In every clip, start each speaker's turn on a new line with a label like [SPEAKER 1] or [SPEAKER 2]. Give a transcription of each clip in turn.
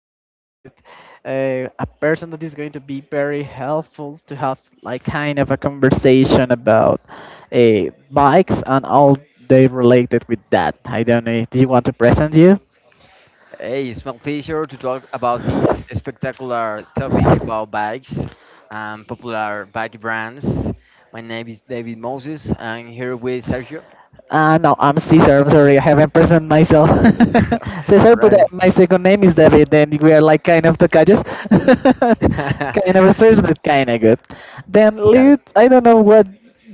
[SPEAKER 1] Today we're with a person that is going to be very helpful to have like kind of a conversation about bikes and all they related with that. I don't know. Do you want to present you?
[SPEAKER 2] Hey, it's my pleasure to talk about this spectacular topic about bikes and popular bike brands. My name is David Moses. I'm here with Sergio.
[SPEAKER 1] No, I'm Caesar. I'm sorry, I haven't presented myself.
[SPEAKER 2] All
[SPEAKER 1] Caesar, but
[SPEAKER 2] right.
[SPEAKER 1] my second name is David, and we are like kind of tocayos. kind of strange,
[SPEAKER 2] we
[SPEAKER 1] but kind of good. Then,
[SPEAKER 2] got it.
[SPEAKER 1] Lid, I don't know what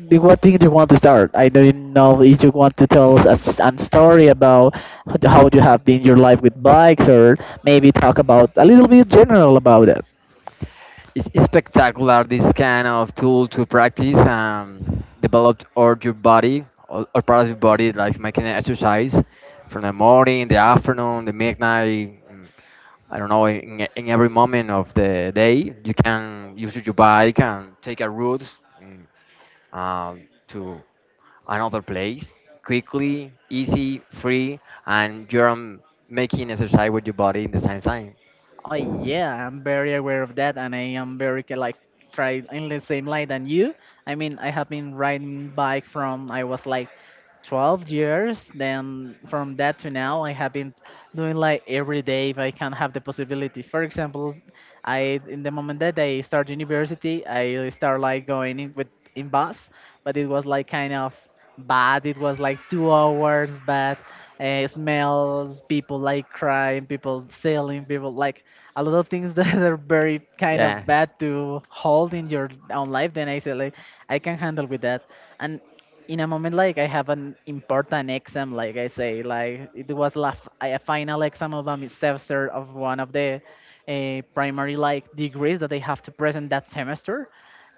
[SPEAKER 1] what thing you want to start. I don't know if you want to tell us an story about how you have been your life with bikes, or maybe talk about a little bit general about it.
[SPEAKER 2] It's spectacular this kind of tool to practice develop or your body or part of your body like making an exercise from the morning, the afternoon, the midnight. mm, I don't know, in every moment of the day, you can use your bike and take a route mm, to another place quickly, easy, free, and you're making exercise with your body in the same time.
[SPEAKER 1] Oh yeah, I'm very aware of that, and I am very like try in the same line than you. I mean, I have been riding bike from I was like 12 years. Then from that to now, I have been doing like every day if I can have the possibility. For example, I in the moment that I start university, I start like going in with in bus, but it was like kind of bad. It was like 2 hours bad. Smells, people like crying, people selling, people like a lot of things that are very kind of
[SPEAKER 2] Yeah.
[SPEAKER 1] bad to hold in your own life. Then I said like I can handle with that. And in a moment like I have an important exam, like I say, like it was a final exam of a semester of one of the primary like degrees that they have to present that semester.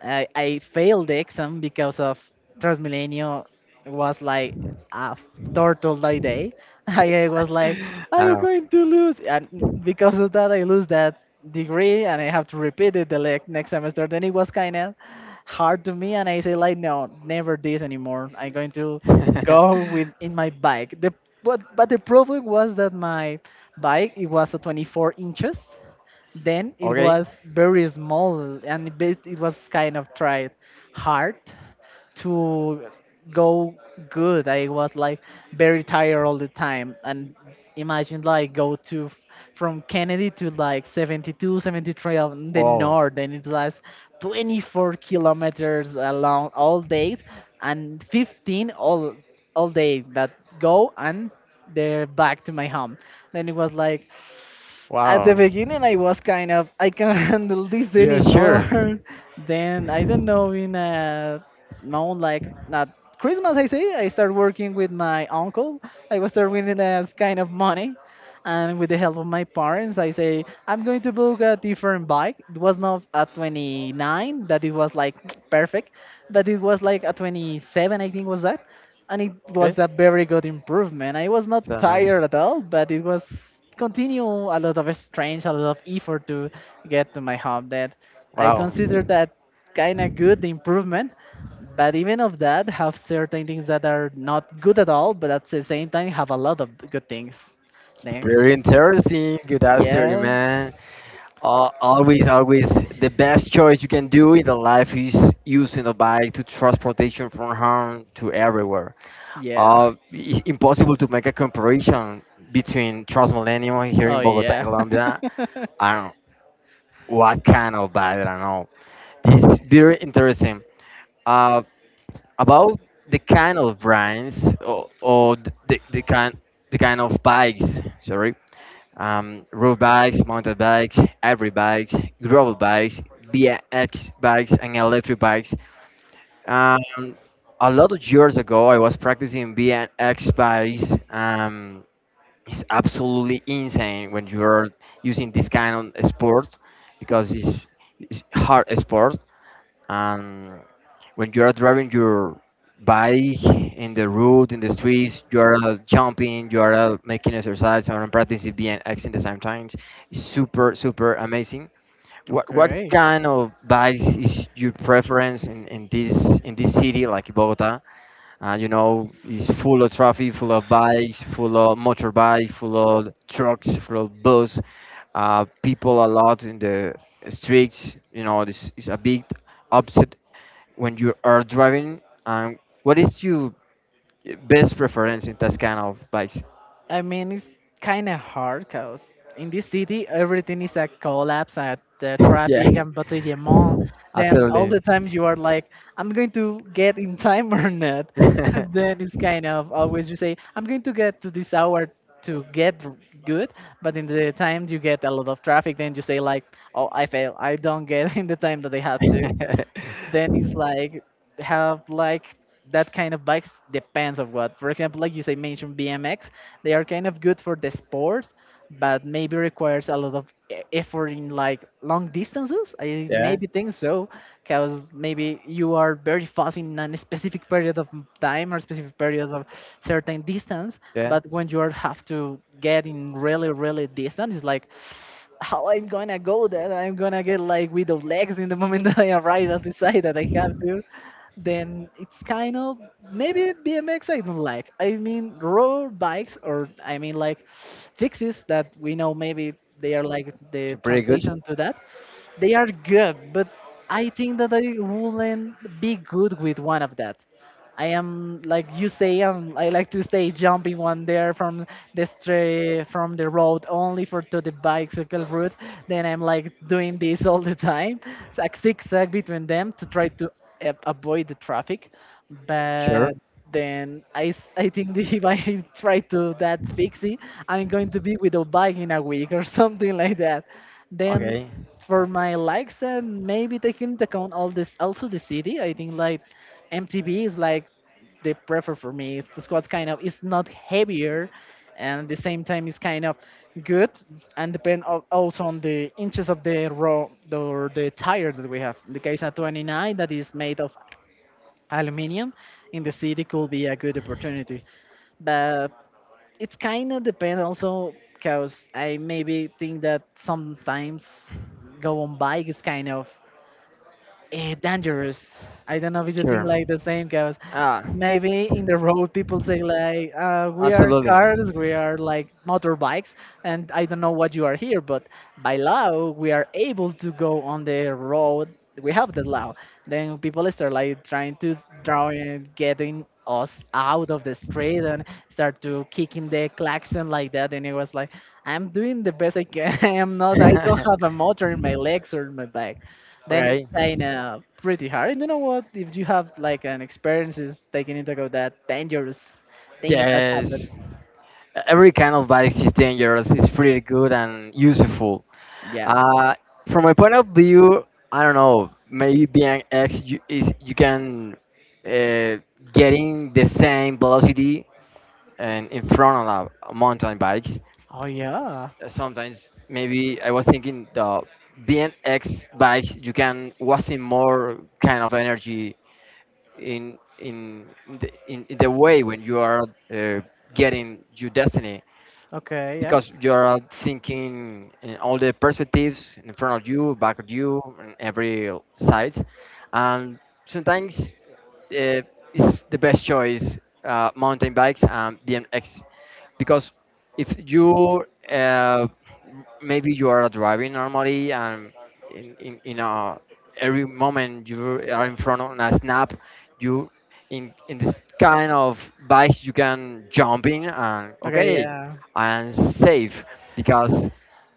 [SPEAKER 1] I failed the exam because of Transmilenio. Was like a turtle by day. I was like, "Are
[SPEAKER 2] I
[SPEAKER 1] you
[SPEAKER 2] know.
[SPEAKER 1] going to lose?" And because of that, I lose that degree, and I have to repeat it the next semester. Then it was kind of hard to me, and I say like, "No, never this anymore. I'm going to go with in my bike." The but the problem was that my bike it was a 24 inches, then it
[SPEAKER 2] Okay.
[SPEAKER 1] was very small and it it was kind of tried hard to go good. I was like very tired all the time and imagine like go to from Kennedy to like 72, 73 on the
[SPEAKER 2] Wow.
[SPEAKER 1] north and it was 24 kilometers along all day and 15 all day that go and they're back to my home. Then it was like at the
[SPEAKER 2] Wow.
[SPEAKER 1] beginning, I was kind of, I can't handle this
[SPEAKER 2] Yeah, sure.
[SPEAKER 1] anymore. Then, I don't know, in a no like, not Christmas, I say, I start working with my uncle. I was start winning as kind of money. And with the help of my parents, I say, I'm going to book a different bike. It was not a 29, that it was like perfect, but it was like a 27, I think was that, and it
[SPEAKER 2] Okay.
[SPEAKER 1] was a very good improvement. I was not
[SPEAKER 2] So nice.
[SPEAKER 1] tired at all, but it was continue a lot of strange, a lot of effort to get to my home. That I
[SPEAKER 2] Wow.
[SPEAKER 1] consider that kind of good improvement, but even of that have certain things that are not good at all, but at the same time have a lot of good things. Then
[SPEAKER 2] Very interesting. Good answer,
[SPEAKER 1] yeah,
[SPEAKER 2] man. Al always, always the best choice you can do in the life is using the bike to transportation from home to everywhere.
[SPEAKER 1] yeah,
[SPEAKER 2] It's impossible to make a comparison between Transmilenio here in
[SPEAKER 1] oh
[SPEAKER 2] Bogota,
[SPEAKER 1] yeah.
[SPEAKER 2] Colombia, and what kind of bike, I don't know. This is very interesting. Uh, about the kind of brands or, or the, the kind the kind of bikes, sorry, road bikes, mountain bikes, every bikes, gravel bikes, Bx bikes, and electric bikes. Um, a lot of years ago, I was practicing Bx bikes. It's absolutely insane when you are using this kind of sport because it's hard sport, and when you are driving your bike in the road in the streets you are jumping, you are making exercise and practicing BMX in the same times. It's super super amazing. What
[SPEAKER 1] Okay.
[SPEAKER 2] kind of bikes is your preference in this city like Bogota? It's full of traffic, full of bikes, full of motorbikes, full of trucks, full of bus. People a lot in the streets. You know, this is a big upset when you are driving. What is your best preference in that kind of bikes?
[SPEAKER 1] I mean, it's kind of hard because in this city, everything is a collapse at the
[SPEAKER 2] Yeah,
[SPEAKER 1] traffic and Battery Mall. Then all
[SPEAKER 2] absolutely.
[SPEAKER 1] the time you are like, I'm going to get in time or not. Then it's kind of always you say, I'm going to get to this hour to get good. But in the time you get a lot of traffic, then you say like, oh, I fail. I don't get in the time that I have to. Then it's like have like that kind of bikes depends of what. For example, like you say, mentioned BMX, they are kind of good for the sports, but maybe requires a lot of effort in like long distances, I
[SPEAKER 2] Yeah,
[SPEAKER 1] maybe think so. Because maybe you are very fast in a specific period of time or specific period of certain distance,
[SPEAKER 2] yeah,
[SPEAKER 1] but when you are have to get in really really distance, it's like how I'm gonna go that I'm gonna get like without legs in the moment that I arrive and decide that I have to. Then it's kind of maybe BMX I don't like. I mean road bikes, or I mean like fixes that we know, maybe they are like the
[SPEAKER 2] so pretty good.
[SPEAKER 1] translation to that. They are good, but I think that I wouldn't be good with one of that. I am like you say, I like to stay jumping one there from the stray from the road only for to the bicycle route. Then I'm like doing this all the time, it's like zigzag between them to try to avoid the traffic.
[SPEAKER 2] Sure.
[SPEAKER 1] But then I think that if I try to that fixie, I'm going to be without bike in a week or something like that. Then
[SPEAKER 2] Okay.
[SPEAKER 1] for my likes and maybe taking into account all this also the city, I think like MTB is like the prefer for me. The squad's kind of it's not heavier, and at the same time it's kind of good. And depend also on the inches of the row the, or the tire that we have in the case of 29 that is made of aluminium, in the city could be a good opportunity. But it's kind of depend also because I maybe think that sometimes go on bike is kind of dangerous. I don't know if you think
[SPEAKER 2] Sure.
[SPEAKER 1] like the same, because
[SPEAKER 2] Ah,
[SPEAKER 1] maybe in the road people say like, we are
[SPEAKER 2] absolutely.
[SPEAKER 1] cars, we are like motorbikes, and I don't know what you are here, but by law we are able to go on the road. We have the law. Then people start like trying to draw and getting us out of the street and start to kicking the klaxon like that. And it was like, I'm doing the best I can. I am not. I don't have a motor in my legs or in my back. Then it's
[SPEAKER 2] Okay.
[SPEAKER 1] kind of pretty hard. And you know what? If you have like an experience, is taking into account that dangerous things that happen.
[SPEAKER 2] Yes. Every kind of bike is dangerous. It's pretty good and useful.
[SPEAKER 1] Yeah.
[SPEAKER 2] Uh, from my point of view, I don't know. Maybe being X you, is you can uh, getting the same velocity and in front of a mountain bikes.
[SPEAKER 1] Oh yeah.
[SPEAKER 2] Sometimes maybe I was thinking the BNX bikes you can wasting more kind of energy in in in the way when you are uh, getting your destiny
[SPEAKER 1] Okay. Yeah.
[SPEAKER 2] because you're thinking in all the perspectives in front of you, back of you, and every sides, and sometimes uh, it's the best choice mountain bikes and BMX because if you uh, maybe you are driving normally and in a, every moment you are in front of a snap, you in this kind of bikes you can jump in and
[SPEAKER 1] Okay.
[SPEAKER 2] okay
[SPEAKER 1] Yeah.
[SPEAKER 2] and safe because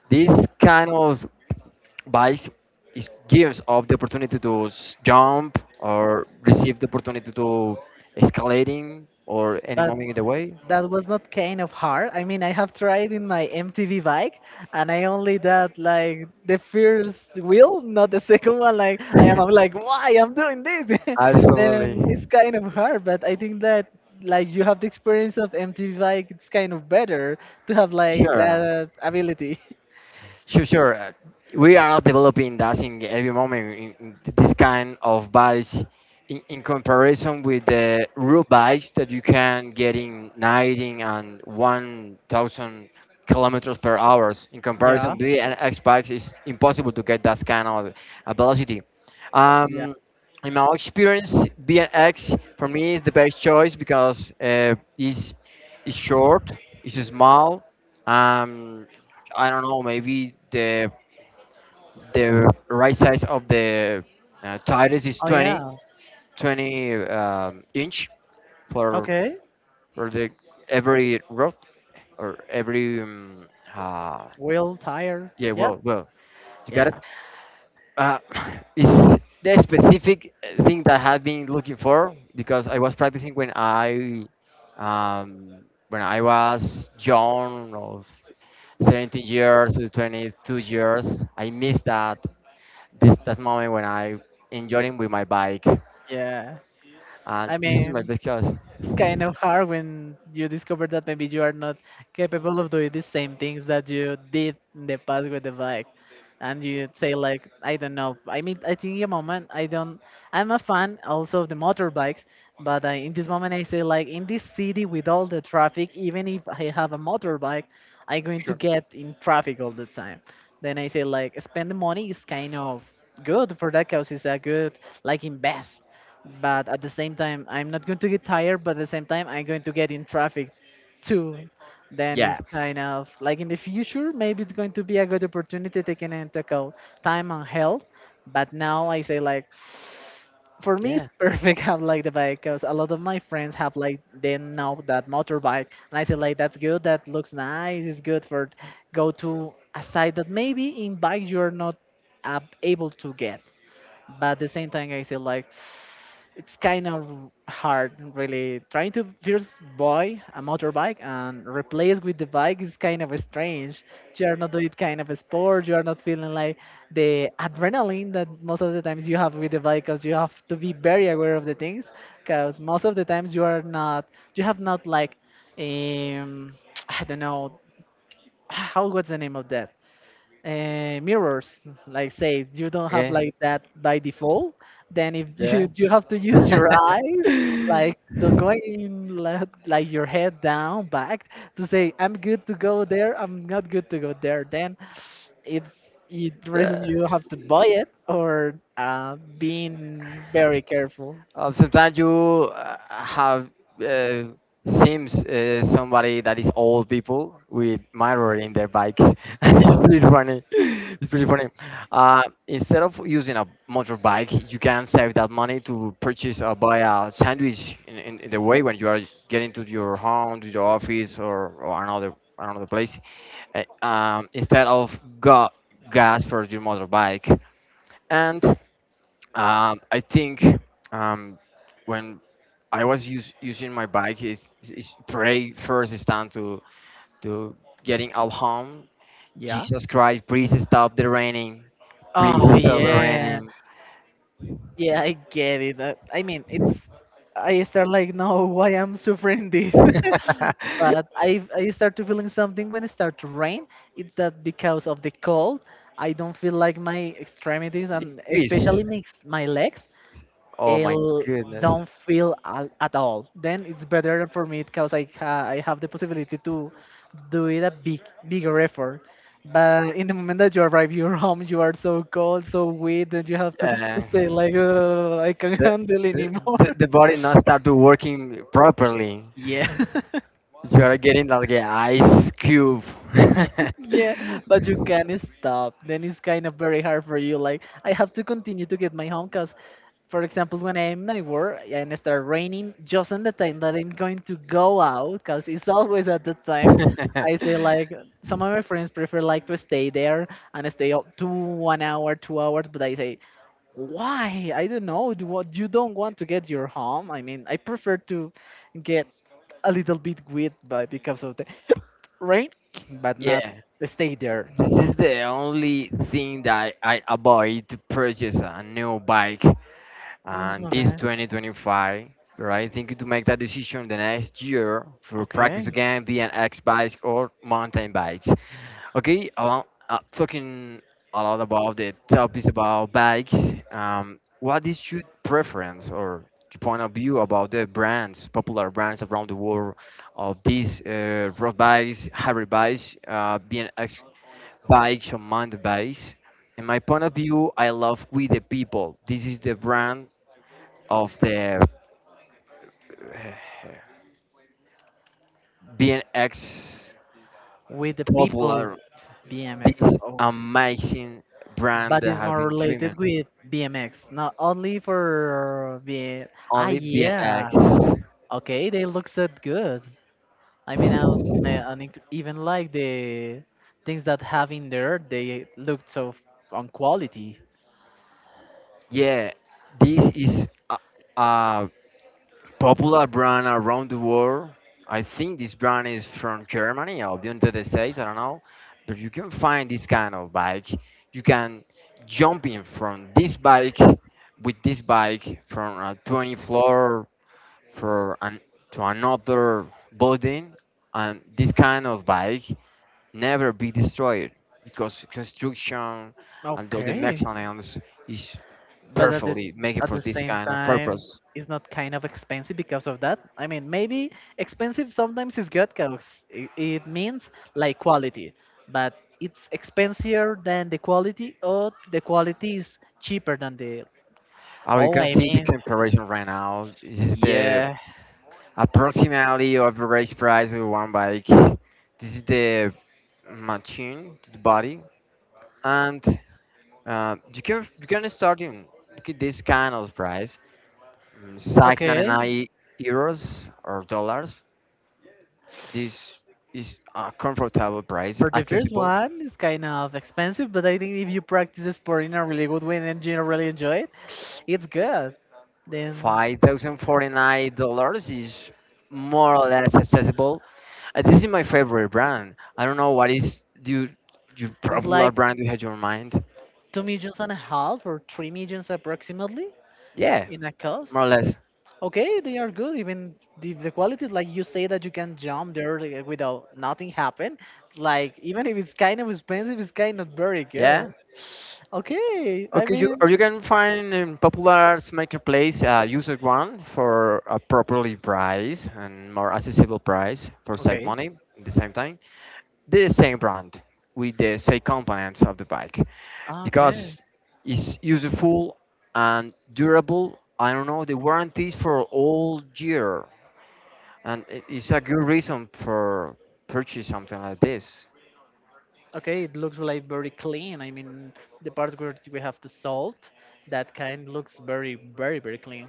[SPEAKER 2] this kind of bike gives us the opportunity to jump or receive the opportunity to escalating or any
[SPEAKER 1] But
[SPEAKER 2] moment in the way.
[SPEAKER 1] that was not kind of hard. I mean, I have tried in my MTV bike, and I only did like the first wheel, not the second one. Like I'm like, why I'm doing this?
[SPEAKER 2] Absolutely.
[SPEAKER 1] Then it's kind of hard, but I think that like you have the experience of MTV bike, it's kind of better to have like
[SPEAKER 2] Sure.
[SPEAKER 1] that ability.
[SPEAKER 2] Sure, sure. We are developing that in every moment in this kind of bikes in comparison with the real bikes that you can get in 90 and 1000 kilometers per hours. In
[SPEAKER 1] Yeah.
[SPEAKER 2] comparison, B and X bikes is impossible to get that kind of velocity.
[SPEAKER 1] Yeah.
[SPEAKER 2] Um, in my experience, B and X for me is the best choice because it's short, it's small, um, I don't know. Maybe the right size of the tires is
[SPEAKER 1] Oh
[SPEAKER 2] 20,
[SPEAKER 1] yeah,
[SPEAKER 2] 20 inch for
[SPEAKER 1] okay.
[SPEAKER 2] for the every road or every uh,
[SPEAKER 1] Wheel tire.
[SPEAKER 2] yeah.
[SPEAKER 1] Yeah.
[SPEAKER 2] Well, well, you got it.
[SPEAKER 1] yeah,
[SPEAKER 2] Uh, is the specific thing that I have been looking for because I was practicing when I was young or 17 years to 22 years. I miss that moment when I enjoying with my bike,
[SPEAKER 1] yeah.
[SPEAKER 2] and
[SPEAKER 1] I
[SPEAKER 2] this is my
[SPEAKER 1] mean,
[SPEAKER 2] best choice.
[SPEAKER 1] it's kind of hard when you discover that maybe you are not capable of doing the same things that you did in the past with the bike. And you say like I don't know. I mean, I think in a moment I don't, I'm a fan also of the motorbikes, but in this moment I say like in this city with all the traffic, even if I have a motorbike, I'm going to
[SPEAKER 2] Sure.
[SPEAKER 1] get in traffic all the time. Then I say like spend the money is kind of good for that cause, it's a good like invest, but at the same time I'm not going to get tired, but at the same time I'm going to get in traffic too. Then
[SPEAKER 2] Yeah.
[SPEAKER 1] it's kind of like in the future maybe it's going to be a good opportunity taking into account time and health. But now I say like for me
[SPEAKER 2] Yeah.
[SPEAKER 1] it's perfect have like the bike, because a lot of my friends have like they know that motorbike, and I say like that's good, that looks nice, it's good for go to a site that maybe in bike you're not able to get. But at the same time I feel like it's kind of hard really trying to first buy a motorbike and replace with the bike is kind of strange. You are not doing kind of a sport, you are not feeling like the adrenaline that most of the times you have with the bike, because you have to be very aware of the things, because most of the times you are not, you have not like um I don't know how what's the name of that, mirrors. Like say you don't have
[SPEAKER 2] Okay.
[SPEAKER 1] like that by default. Then if
[SPEAKER 2] Yeah.
[SPEAKER 1] you have to use your eyes, like to going like your head down back, to say I'm good to go there, I'm not good to go there. Then it's it
[SPEAKER 2] Uh,
[SPEAKER 1] reason you have to buy it or being very careful.
[SPEAKER 2] Sometimes you have uh, seems somebody that is old people with mirror in their bikes. It's pretty funny. It's pretty funny. Uh, Instead of using a motorbike, you can save that money to purchase or buy a sandwich in the way when you are getting to your home, to your office, or another place. Instead of gas for your motorbike, and I think um, when I was using my bike, is pray first is time to getting out home.
[SPEAKER 1] Yeah.
[SPEAKER 2] Jesus Christ, please stop the raining. Please
[SPEAKER 1] Oh
[SPEAKER 2] stop the
[SPEAKER 1] yeah.
[SPEAKER 2] raining.
[SPEAKER 1] Yeah, I get it. I mean, it's... I start like, no, why I'm suffering this? But I start to feeling something when it start to rain. It's that because of the cold, I don't feel like my extremities and
[SPEAKER 2] Please.
[SPEAKER 1] especially my my legs
[SPEAKER 2] Oh my
[SPEAKER 1] l-
[SPEAKER 2] goodness.
[SPEAKER 1] don't feel at all. Then it's better for me because I have the possibility to do it a bigger effort. But in the moment that you arrive your home, you are so cold, so wet, and you have to
[SPEAKER 2] Uh,
[SPEAKER 1] stay like I can't
[SPEAKER 2] the,
[SPEAKER 1] handle
[SPEAKER 2] the
[SPEAKER 1] anymore.
[SPEAKER 2] the body not start to working properly.
[SPEAKER 1] Yeah.
[SPEAKER 2] You are getting like an ice cube.
[SPEAKER 1] Ye- Yeah, but you can't stop. Then it's kind of very hard for you. Like I have to continue to get my home because for example, when I'm at work and it starts raining, just in the time that I'm going to go out, because it's always at the time, I say like some of my friends prefer like to stay there and stay up to one hour, 2 hours, but I say why? I don't know. Do what you don't want to get your home? I mean, I prefer to get a little bit wet by because of the rain, but not
[SPEAKER 2] Yeah.
[SPEAKER 1] stay there.
[SPEAKER 2] This is the only thing that I avoid to purchase a new bike
[SPEAKER 1] Mm,
[SPEAKER 2] and this
[SPEAKER 1] okay,
[SPEAKER 2] 2025, right? Thinking to make that decision the next year for practice
[SPEAKER 1] okay.
[SPEAKER 2] again, be an X bike or mountain bikes. Okay, along, talking a lot about the topics about bikes. What is your preference or your point of view about the brands, popular brands around the world of these road bikes, hybrid bikes, BMX bikes on mountain bikes. In my point of view, I love We the People. This is the brand of the uh, BNX
[SPEAKER 1] With the people,
[SPEAKER 2] popular.
[SPEAKER 1] BMX.
[SPEAKER 2] This amazing brand
[SPEAKER 1] But it's
[SPEAKER 2] that I've
[SPEAKER 1] more
[SPEAKER 2] been
[SPEAKER 1] related
[SPEAKER 2] dreaming.
[SPEAKER 1] with BMX, not only for B. Ah,
[SPEAKER 2] Only
[SPEAKER 1] yeah.
[SPEAKER 2] BNX.
[SPEAKER 1] Okay, they look so good. I mean, I even like the things that have in there, they look so on quality.
[SPEAKER 2] Yeah, this is a popular brand around the world. I think this brand is from Germany or the United States. I don't know, but you can find this kind of bike. You can jump in from this bike from a 20 floor for an, to another building, and this kind of bike never be destroyed because construction and all the
[SPEAKER 1] Okay,
[SPEAKER 2] mechanisms is
[SPEAKER 1] but
[SPEAKER 2] perfectly make it
[SPEAKER 1] at
[SPEAKER 2] for
[SPEAKER 1] the
[SPEAKER 2] this
[SPEAKER 1] same
[SPEAKER 2] kind of
[SPEAKER 1] time
[SPEAKER 2] purpose.
[SPEAKER 1] it's not kind of expensive because of that. I mean maybe expensive sometimes is good because it means like quality, but it's expensier than the quality or the quality is cheaper than the...
[SPEAKER 2] Oh, you
[SPEAKER 1] Oh,
[SPEAKER 2] can
[SPEAKER 1] I
[SPEAKER 2] see the
[SPEAKER 1] mean,
[SPEAKER 2] comparison right now. This is the
[SPEAKER 1] yeah,
[SPEAKER 2] approximately average price of one bike. This is the machine, the body, and you can start in this kind of price. It's like
[SPEAKER 1] okay.
[SPEAKER 2] €99 or dollars. This is a comfortable price,
[SPEAKER 1] For the first
[SPEAKER 2] accessible.
[SPEAKER 1] one it's kind of expensive, but I think if you practice the sport in a really good way and you really enjoy it, it's good. Then
[SPEAKER 2] $5,049 is more or less accessible. This is my favorite brand. I don't know what is your
[SPEAKER 1] it's like
[SPEAKER 2] popular brand you had your mind.
[SPEAKER 1] two millions and a half or three millions approximately
[SPEAKER 2] Yeah,
[SPEAKER 1] in a cost.
[SPEAKER 2] more or less.
[SPEAKER 1] Okay, they are good. Even if the quality is like you say, that you can jump there like, without nothing happen. Like even if it's kind of expensive, it's kind of very good.
[SPEAKER 2] Yeah.
[SPEAKER 1] Okay, I
[SPEAKER 2] Okay, you or
[SPEAKER 1] mean,
[SPEAKER 2] you can find in popular marketplace user one for a properly price and more accessible price for save
[SPEAKER 1] okay,
[SPEAKER 2] money at the same time. The same brand with the same components of the bike
[SPEAKER 1] okay,
[SPEAKER 2] because it's useful and durable. I don't know the warranties for all year, and it's a good reason for purchase something like this.
[SPEAKER 1] okay. It looks like very clean. I mean, the part where we have the salt, that kind looks very, very, very clean.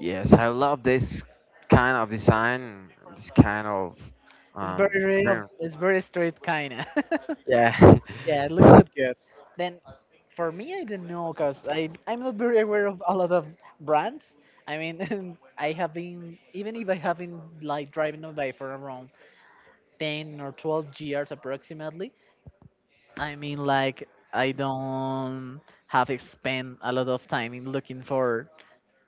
[SPEAKER 2] Yes, I love this kind of design, this kind of
[SPEAKER 1] It's
[SPEAKER 2] um,
[SPEAKER 1] very, of,
[SPEAKER 2] dream.
[SPEAKER 1] it's very straight kind of.
[SPEAKER 2] Yeah.
[SPEAKER 1] Yeah, it looks so good. Then for me, I don't know because I'm not very aware of a lot of brands. I mean, I have been even if I have been like driving a bike for around 10 or 12 years approximately. I mean, like I don't have spent a lot of time in looking for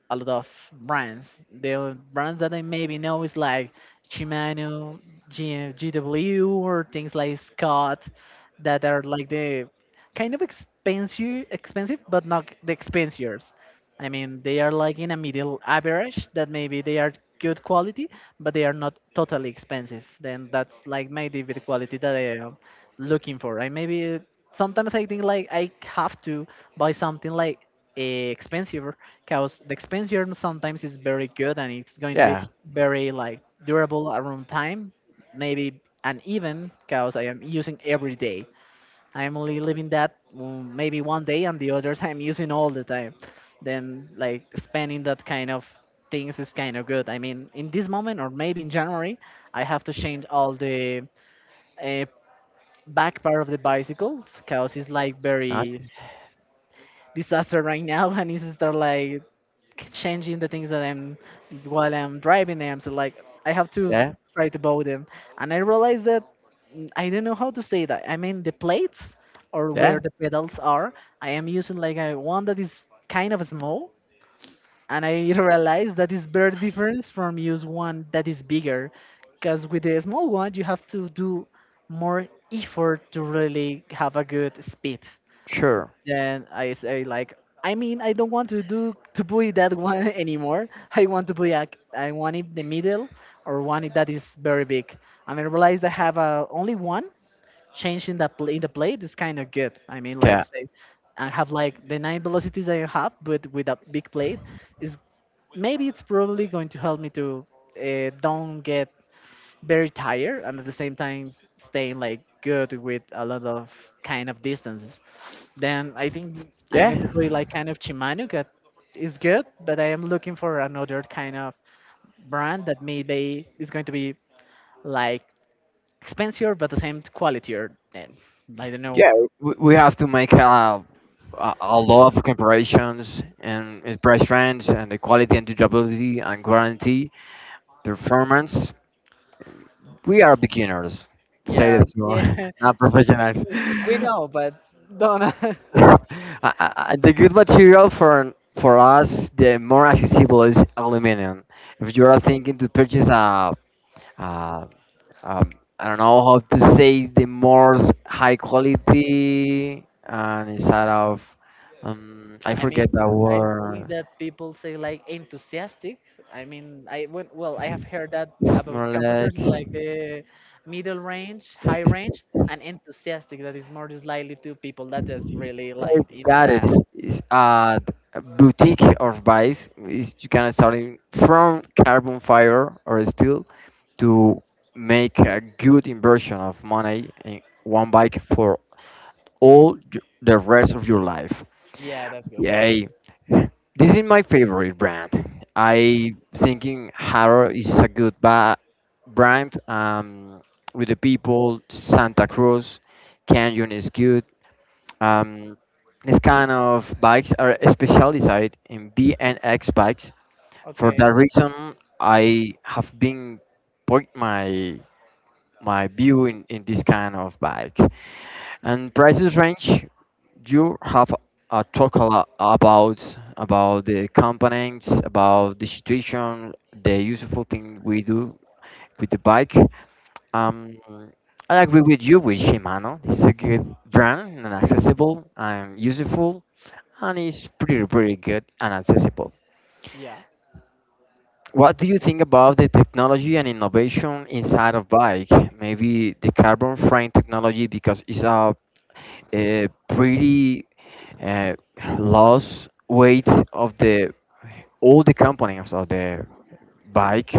[SPEAKER 1] a lot of brands. The brands that I maybe know is like Shimano, GW, or things like Scott that are like the kind of expensive, expensive, but not the expensiers. I mean, they are like in a middle average that maybe they are good quality, but they are not totally expensive. Then that's like maybe the quality that I am looking for. I maybe sometimes I think like I have to buy something like expensive because the expense yarn sometimes is very good and it's going to be
[SPEAKER 2] Yeah,
[SPEAKER 1] very like durable around time maybe, and even because I am using every day, I'm only leaving that mm, maybe one day and the others I'm using all the time. Then like spending that kind of things is kind of good. I mean in this moment or maybe in January I have to change all the uh, back part of the bicycle because it's like
[SPEAKER 2] nice.
[SPEAKER 1] very disaster right now. And it's start like changing the things that I'm while I'm driving them. So like I have to
[SPEAKER 2] Yeah,
[SPEAKER 1] try to bow them, and I realized that mm, I do not know how to say that. I mean the plates or where
[SPEAKER 2] yeah,
[SPEAKER 1] the pedals are. I am using like a one that is kind of small, and I realized that is very different from use one that is bigger, because with the small one you have to do more effort to really have a good speed.
[SPEAKER 2] sure,
[SPEAKER 1] Then I say like, I mean, I don't want to do to put that one anymore. I want to put a, I want it the middle or one it that is very big. And I realized I have only one change in the in the plate is kind of good. I mean, like
[SPEAKER 2] yeah,
[SPEAKER 1] say, I have like the nine velocities that I have, but with a big plate is maybe it's probably going to help me to don't get very tired and at the same time staying like good with a lot of kind of distances. Then I think I'm going
[SPEAKER 2] yeah,
[SPEAKER 1] to be like kind of Shimano that is good, but I am looking for another kind of brand that maybe is going to be like expensive but the same quality or and I don't know.
[SPEAKER 2] yeah. We have to make a lot of comparisons and in price range and the quality and durability and guarantee performance. We are beginners.
[SPEAKER 1] Yeah,
[SPEAKER 2] Say that more,
[SPEAKER 1] yeah,
[SPEAKER 2] not professionals.
[SPEAKER 1] we know, but don't.
[SPEAKER 2] The good material for us, the more accessible is aluminum. If you are thinking to purchase a um, I don't know how to say the more high quality and instead of I
[SPEAKER 1] I mean,
[SPEAKER 2] forget that
[SPEAKER 1] I think
[SPEAKER 2] word.
[SPEAKER 1] that people say like enthusiastic. I mean, well, I have heard that
[SPEAKER 2] It's
[SPEAKER 1] about
[SPEAKER 2] more like
[SPEAKER 1] computers like the middle range, high range,
[SPEAKER 2] it's,
[SPEAKER 1] and enthusiastic. That is more just likely to people that just really like
[SPEAKER 2] it's
[SPEAKER 1] in
[SPEAKER 2] got it.
[SPEAKER 1] that.
[SPEAKER 2] It's a boutique or vice. You can start in from carbon fiber or steel to make a good inversion of money in one bike for the rest of your life.
[SPEAKER 1] Yeah, that's good.
[SPEAKER 2] Yay. This is my favorite brand. I thinking Haro is a good brand with the people. Santa Cruz, Canyon is good. Um, this kind of bikes are specialized in B and X bikes. For
[SPEAKER 1] Okay.
[SPEAKER 2] that reason, I have been point my view in this kind of bike. And prices range, you have talk a lot about the components, about the situation, the useful thing we do with the bike. Um, I agree with you with Shimano. It's a good brand and accessible and useful, and it's pretty pretty good and accessible.
[SPEAKER 1] Yeah.
[SPEAKER 2] What do you think about the technology and innovation inside of bike? Maybe the carbon frame technology because it's a pretty uh, lost weight of the all the components of the bike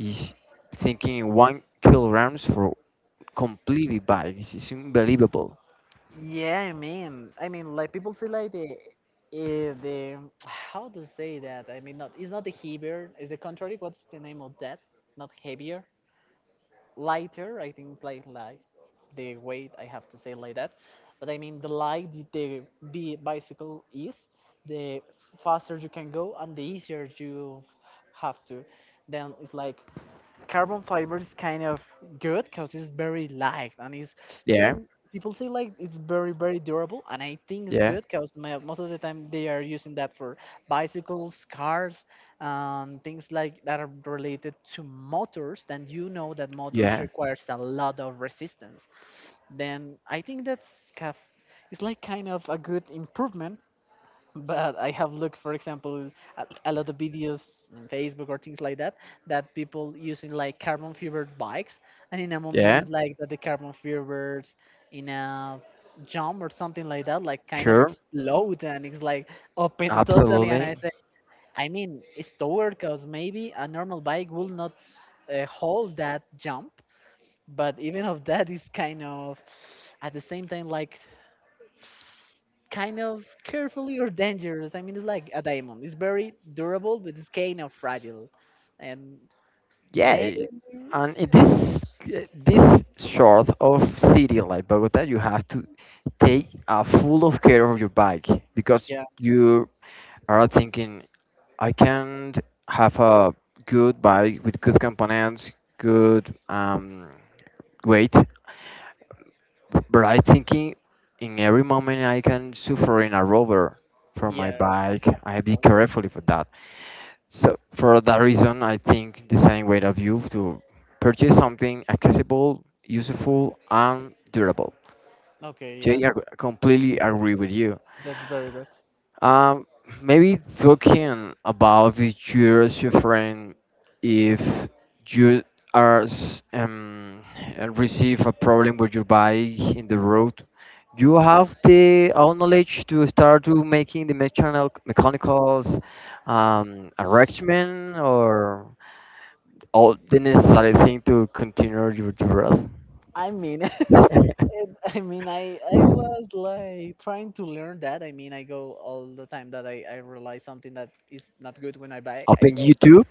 [SPEAKER 2] is thinking 1 kilograms for completely bike it's unbelievable.
[SPEAKER 1] Yeah, I mean, like people say like the how to say that? I mean, not it's not the heavier. It's the contrary. What's the name of that? Not heavier. Lighter. I think it's like light. The weight I have to say like that, but I mean the light the bicycle is, the faster you can go and the easier you have to. Then it's like carbon fiber is kind of good because it's very light and it's
[SPEAKER 2] Yeah,
[SPEAKER 1] even people say like it's very very durable, and I think it's good
[SPEAKER 2] yeah,
[SPEAKER 1] because most of the time they are using that for bicycles, cars, things like that are related to motors. Then you know that motors
[SPEAKER 2] yeah,
[SPEAKER 1] requires a lot of resistance. Then I think it's like kind of a good improvement. But I have looked, for example, at a lot of videos on Facebook or things like that, that people using like carbon fibered bikes, and in a moment it's
[SPEAKER 2] yeah,
[SPEAKER 1] like that the carbon fibers in a jump or something like that, like kind of
[SPEAKER 2] sure,
[SPEAKER 1] explode, and it's like open totally. And I
[SPEAKER 2] absolutely,
[SPEAKER 1] say, I mean, it's the because maybe a normal bike will not hold that jump, but even of that is kind of at the same time like kind of carefully or dangerous. I mean, it's like a diamond. It's very durable, but it's kind of fragile. And
[SPEAKER 2] yeah.
[SPEAKER 1] maybe,
[SPEAKER 2] it-
[SPEAKER 1] it's
[SPEAKER 2] and in
[SPEAKER 1] kind of-
[SPEAKER 2] this sort of city like Bogota you have to take a full of care of your bike because
[SPEAKER 1] yeah,
[SPEAKER 2] you are thinking I can have a good bike with good components, good weight, but I thinking in every moment I can suffer in a rover for
[SPEAKER 1] yeah.
[SPEAKER 2] my
[SPEAKER 1] That's
[SPEAKER 2] bike.
[SPEAKER 1] not
[SPEAKER 2] I
[SPEAKER 1] gonna...
[SPEAKER 2] be careful for that. So for that reason, I think the same way of you to purchase something accessible, useful, and durable.
[SPEAKER 1] Okay, yeah,
[SPEAKER 2] Jay, I completely agree with you.
[SPEAKER 1] that's very good.
[SPEAKER 2] Um, Maybe talking about the you're suffering if you are receive a problem with your bike in the road, you have the all knowledge to start to making the mechanicals arrangement or all the necessary thing to continue your dress.
[SPEAKER 1] I mean, it, I mean, I was like trying to learn that. I mean, I go all the time that I realize something that is not good when I buy. I
[SPEAKER 2] Open
[SPEAKER 1] go.
[SPEAKER 2] YouTube.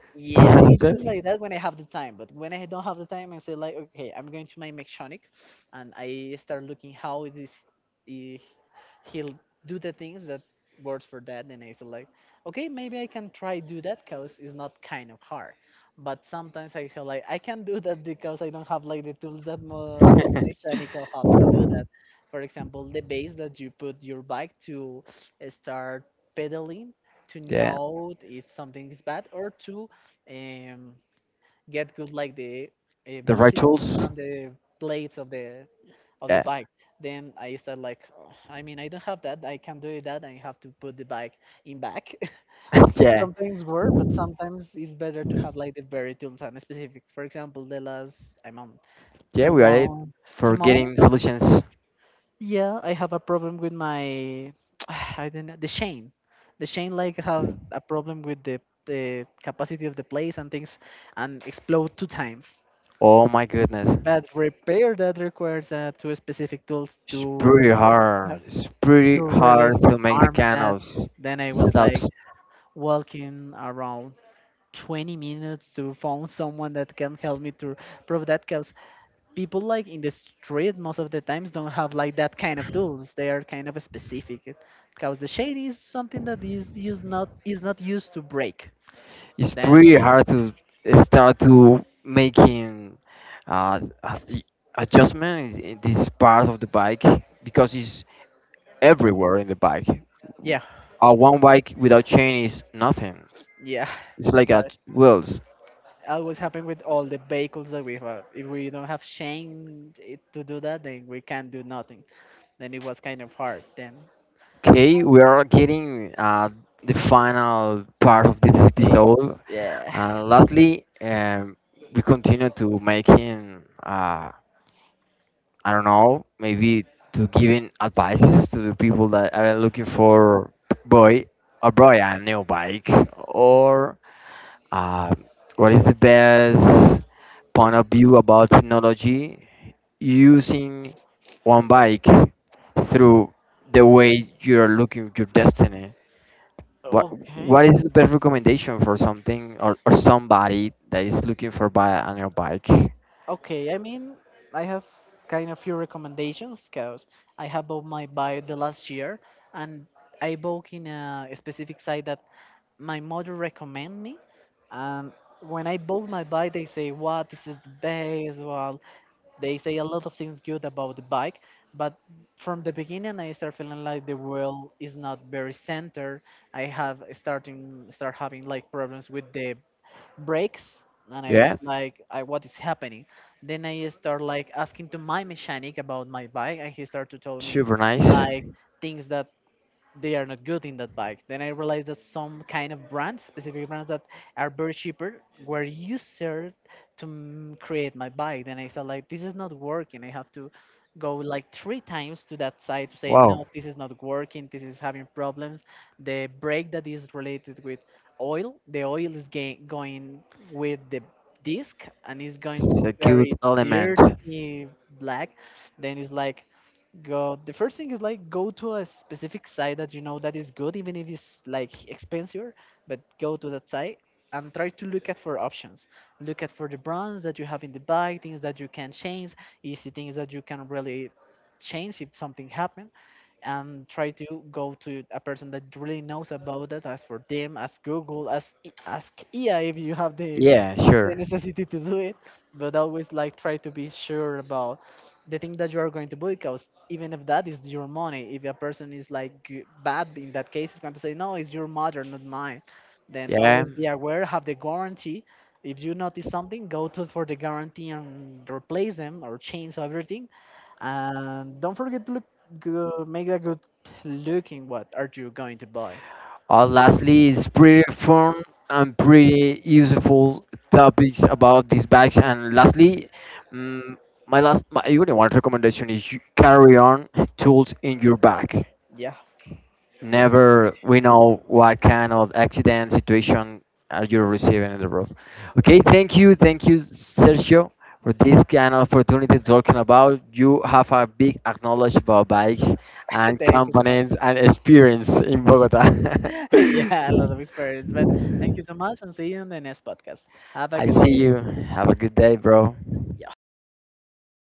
[SPEAKER 1] Yeah, I think
[SPEAKER 2] Visitors.
[SPEAKER 1] like that when I have the time. But when I don't have the time, I say like, okay, I'm going to my mechanic, and I start looking how it is he, he'll do the things that works for that. And I say like, okay, maybe I can try do that because it's not kind of hard. But sometimes I feel like I can't do that because I don't have like the tools that most of mechanical hubs to do that. For example, the base that you put your bike to start pedaling to
[SPEAKER 2] Yeah.
[SPEAKER 1] know if something is bad or to um, get good like the
[SPEAKER 2] The
[SPEAKER 1] velocity
[SPEAKER 2] right
[SPEAKER 1] and
[SPEAKER 2] tools?
[SPEAKER 1] the blades of the
[SPEAKER 2] Yeah.
[SPEAKER 1] bike. Then I start like, "Oh, I mean, I don't have that. I can do that. I have to put the bike in back."
[SPEAKER 2] Yeah.
[SPEAKER 1] Sometimes work, but sometimes it's better to have like the very tools and specifics. For example, the last I mean,
[SPEAKER 2] Yeah, we are it
[SPEAKER 1] tomorrow,
[SPEAKER 2] for
[SPEAKER 1] tomorrow,
[SPEAKER 2] getting solutions.
[SPEAKER 1] yeah, I have a problem with my I don't know, the chain. The chain like have a problem with the capacity of the place and things, and explode two times.
[SPEAKER 2] Oh my goodness.
[SPEAKER 1] But repair that requires two specific tools
[SPEAKER 2] It's pretty
[SPEAKER 1] uh,
[SPEAKER 2] hard. It's
[SPEAKER 1] to
[SPEAKER 2] pretty
[SPEAKER 1] really
[SPEAKER 2] hard to make the
[SPEAKER 1] arm
[SPEAKER 2] kind
[SPEAKER 1] that.
[SPEAKER 2] of s-
[SPEAKER 1] Then I was like
[SPEAKER 2] setups.
[SPEAKER 1] walking around 20 minutes to find someone that can help me to prove that because people like in the street most of the times don't have like that kind of tools. They are kind of specific because the shade is something that is used not is not used to break.
[SPEAKER 2] It's
[SPEAKER 1] Then
[SPEAKER 2] pretty hard to start to making uh, a- i- adjustment in this part of the bike because it's everywhere in the bike.
[SPEAKER 1] yeah,
[SPEAKER 2] A one bike without chain is nothing.
[SPEAKER 1] yeah.
[SPEAKER 2] It's like
[SPEAKER 1] Like,
[SPEAKER 2] a well,
[SPEAKER 1] always happen with all the vehicles that we have. If we don't have Shane to do that, then we can't do nothing. Then it was kind of hard. Then
[SPEAKER 2] okay, we are getting the final part of this
[SPEAKER 1] stage,
[SPEAKER 2] episode.
[SPEAKER 1] yeah.
[SPEAKER 2] Lastly, we continue to making I don't know, maybe to giving advices to the people that are looking for boy a boy a new bike or Uh, what is the best point of view about technology using one bike through the way you're looking at your destiny? What
[SPEAKER 1] Okay,
[SPEAKER 2] what is the best recommendation for something or somebody that is looking for buy a new bike?
[SPEAKER 1] okay. I mean, I have kind of few recommendations because I have bought my bike the last year, and I bought in a specific site that my mother recommend me. And when I bought my bike, they say, "What? This is the best. Wow." They say a lot of things good about the bike, but from the beginning I start feeling like the wheel is not very centered. I have start having like problems with the brakes, and I was
[SPEAKER 2] Yeah,
[SPEAKER 1] like, I, what is happening? Then I start like asking to my mechanic about my bike, and he started to tell me
[SPEAKER 2] super nice.
[SPEAKER 1] like things that they are not good in that bike. Then I realized that some kind of brands, specific brands that are very cheaper, were used to create my bike. Then I said like, this is not working. I have to go like three times to that side to say no,
[SPEAKER 2] Wow,
[SPEAKER 1] this is not working. This is having problems. The brake that is related with oil, the oil is going with the disc and is going
[SPEAKER 2] it's a
[SPEAKER 1] very
[SPEAKER 2] good element.
[SPEAKER 1] dirty black. Then it's like God, the first thing is like go to a specific site that you know that is good, even if it's like expensive, but go to that site and try to look at for options. Look at for the brands that you have in the bike, things that you can change, easy things that you can really change if something happens, and try to go to a person that really knows about that. Ask for them, ask Google, ask EA if you have the
[SPEAKER 2] Yeah, sure.
[SPEAKER 1] necessity to do it. But always like try to be sure about the thing that you are going to do because even if that is your money, if a person is like bad in that case, is going to say no, it's your mother, not mine. Then always
[SPEAKER 2] Yeah.
[SPEAKER 1] be aware, have the guarantee. If you notice something, go to for the guarantee and replace them or change everything. And don't forget to look. Good, make a good looking. What are you going to buy?
[SPEAKER 2] Lastly, is pretty fun and pretty useful topics about these bags. And lastly, um, my only one recommendation is you carry on tools in your bag.
[SPEAKER 1] Yeah.
[SPEAKER 2] Never we know what kind of accident situation are you receiving in the road. Okay, thank you, Sergio, for this kind of opportunity talking about. You have a big knowledge about bikes and
[SPEAKER 1] Thank you so much.
[SPEAKER 2] companies and experience in Bogota.
[SPEAKER 1] Yeah, a lot of experience. But thank you so much and see you in the next podcast. Have a good
[SPEAKER 2] I see
[SPEAKER 1] day.
[SPEAKER 2] you. Have a good day, bro.
[SPEAKER 1] Yeah.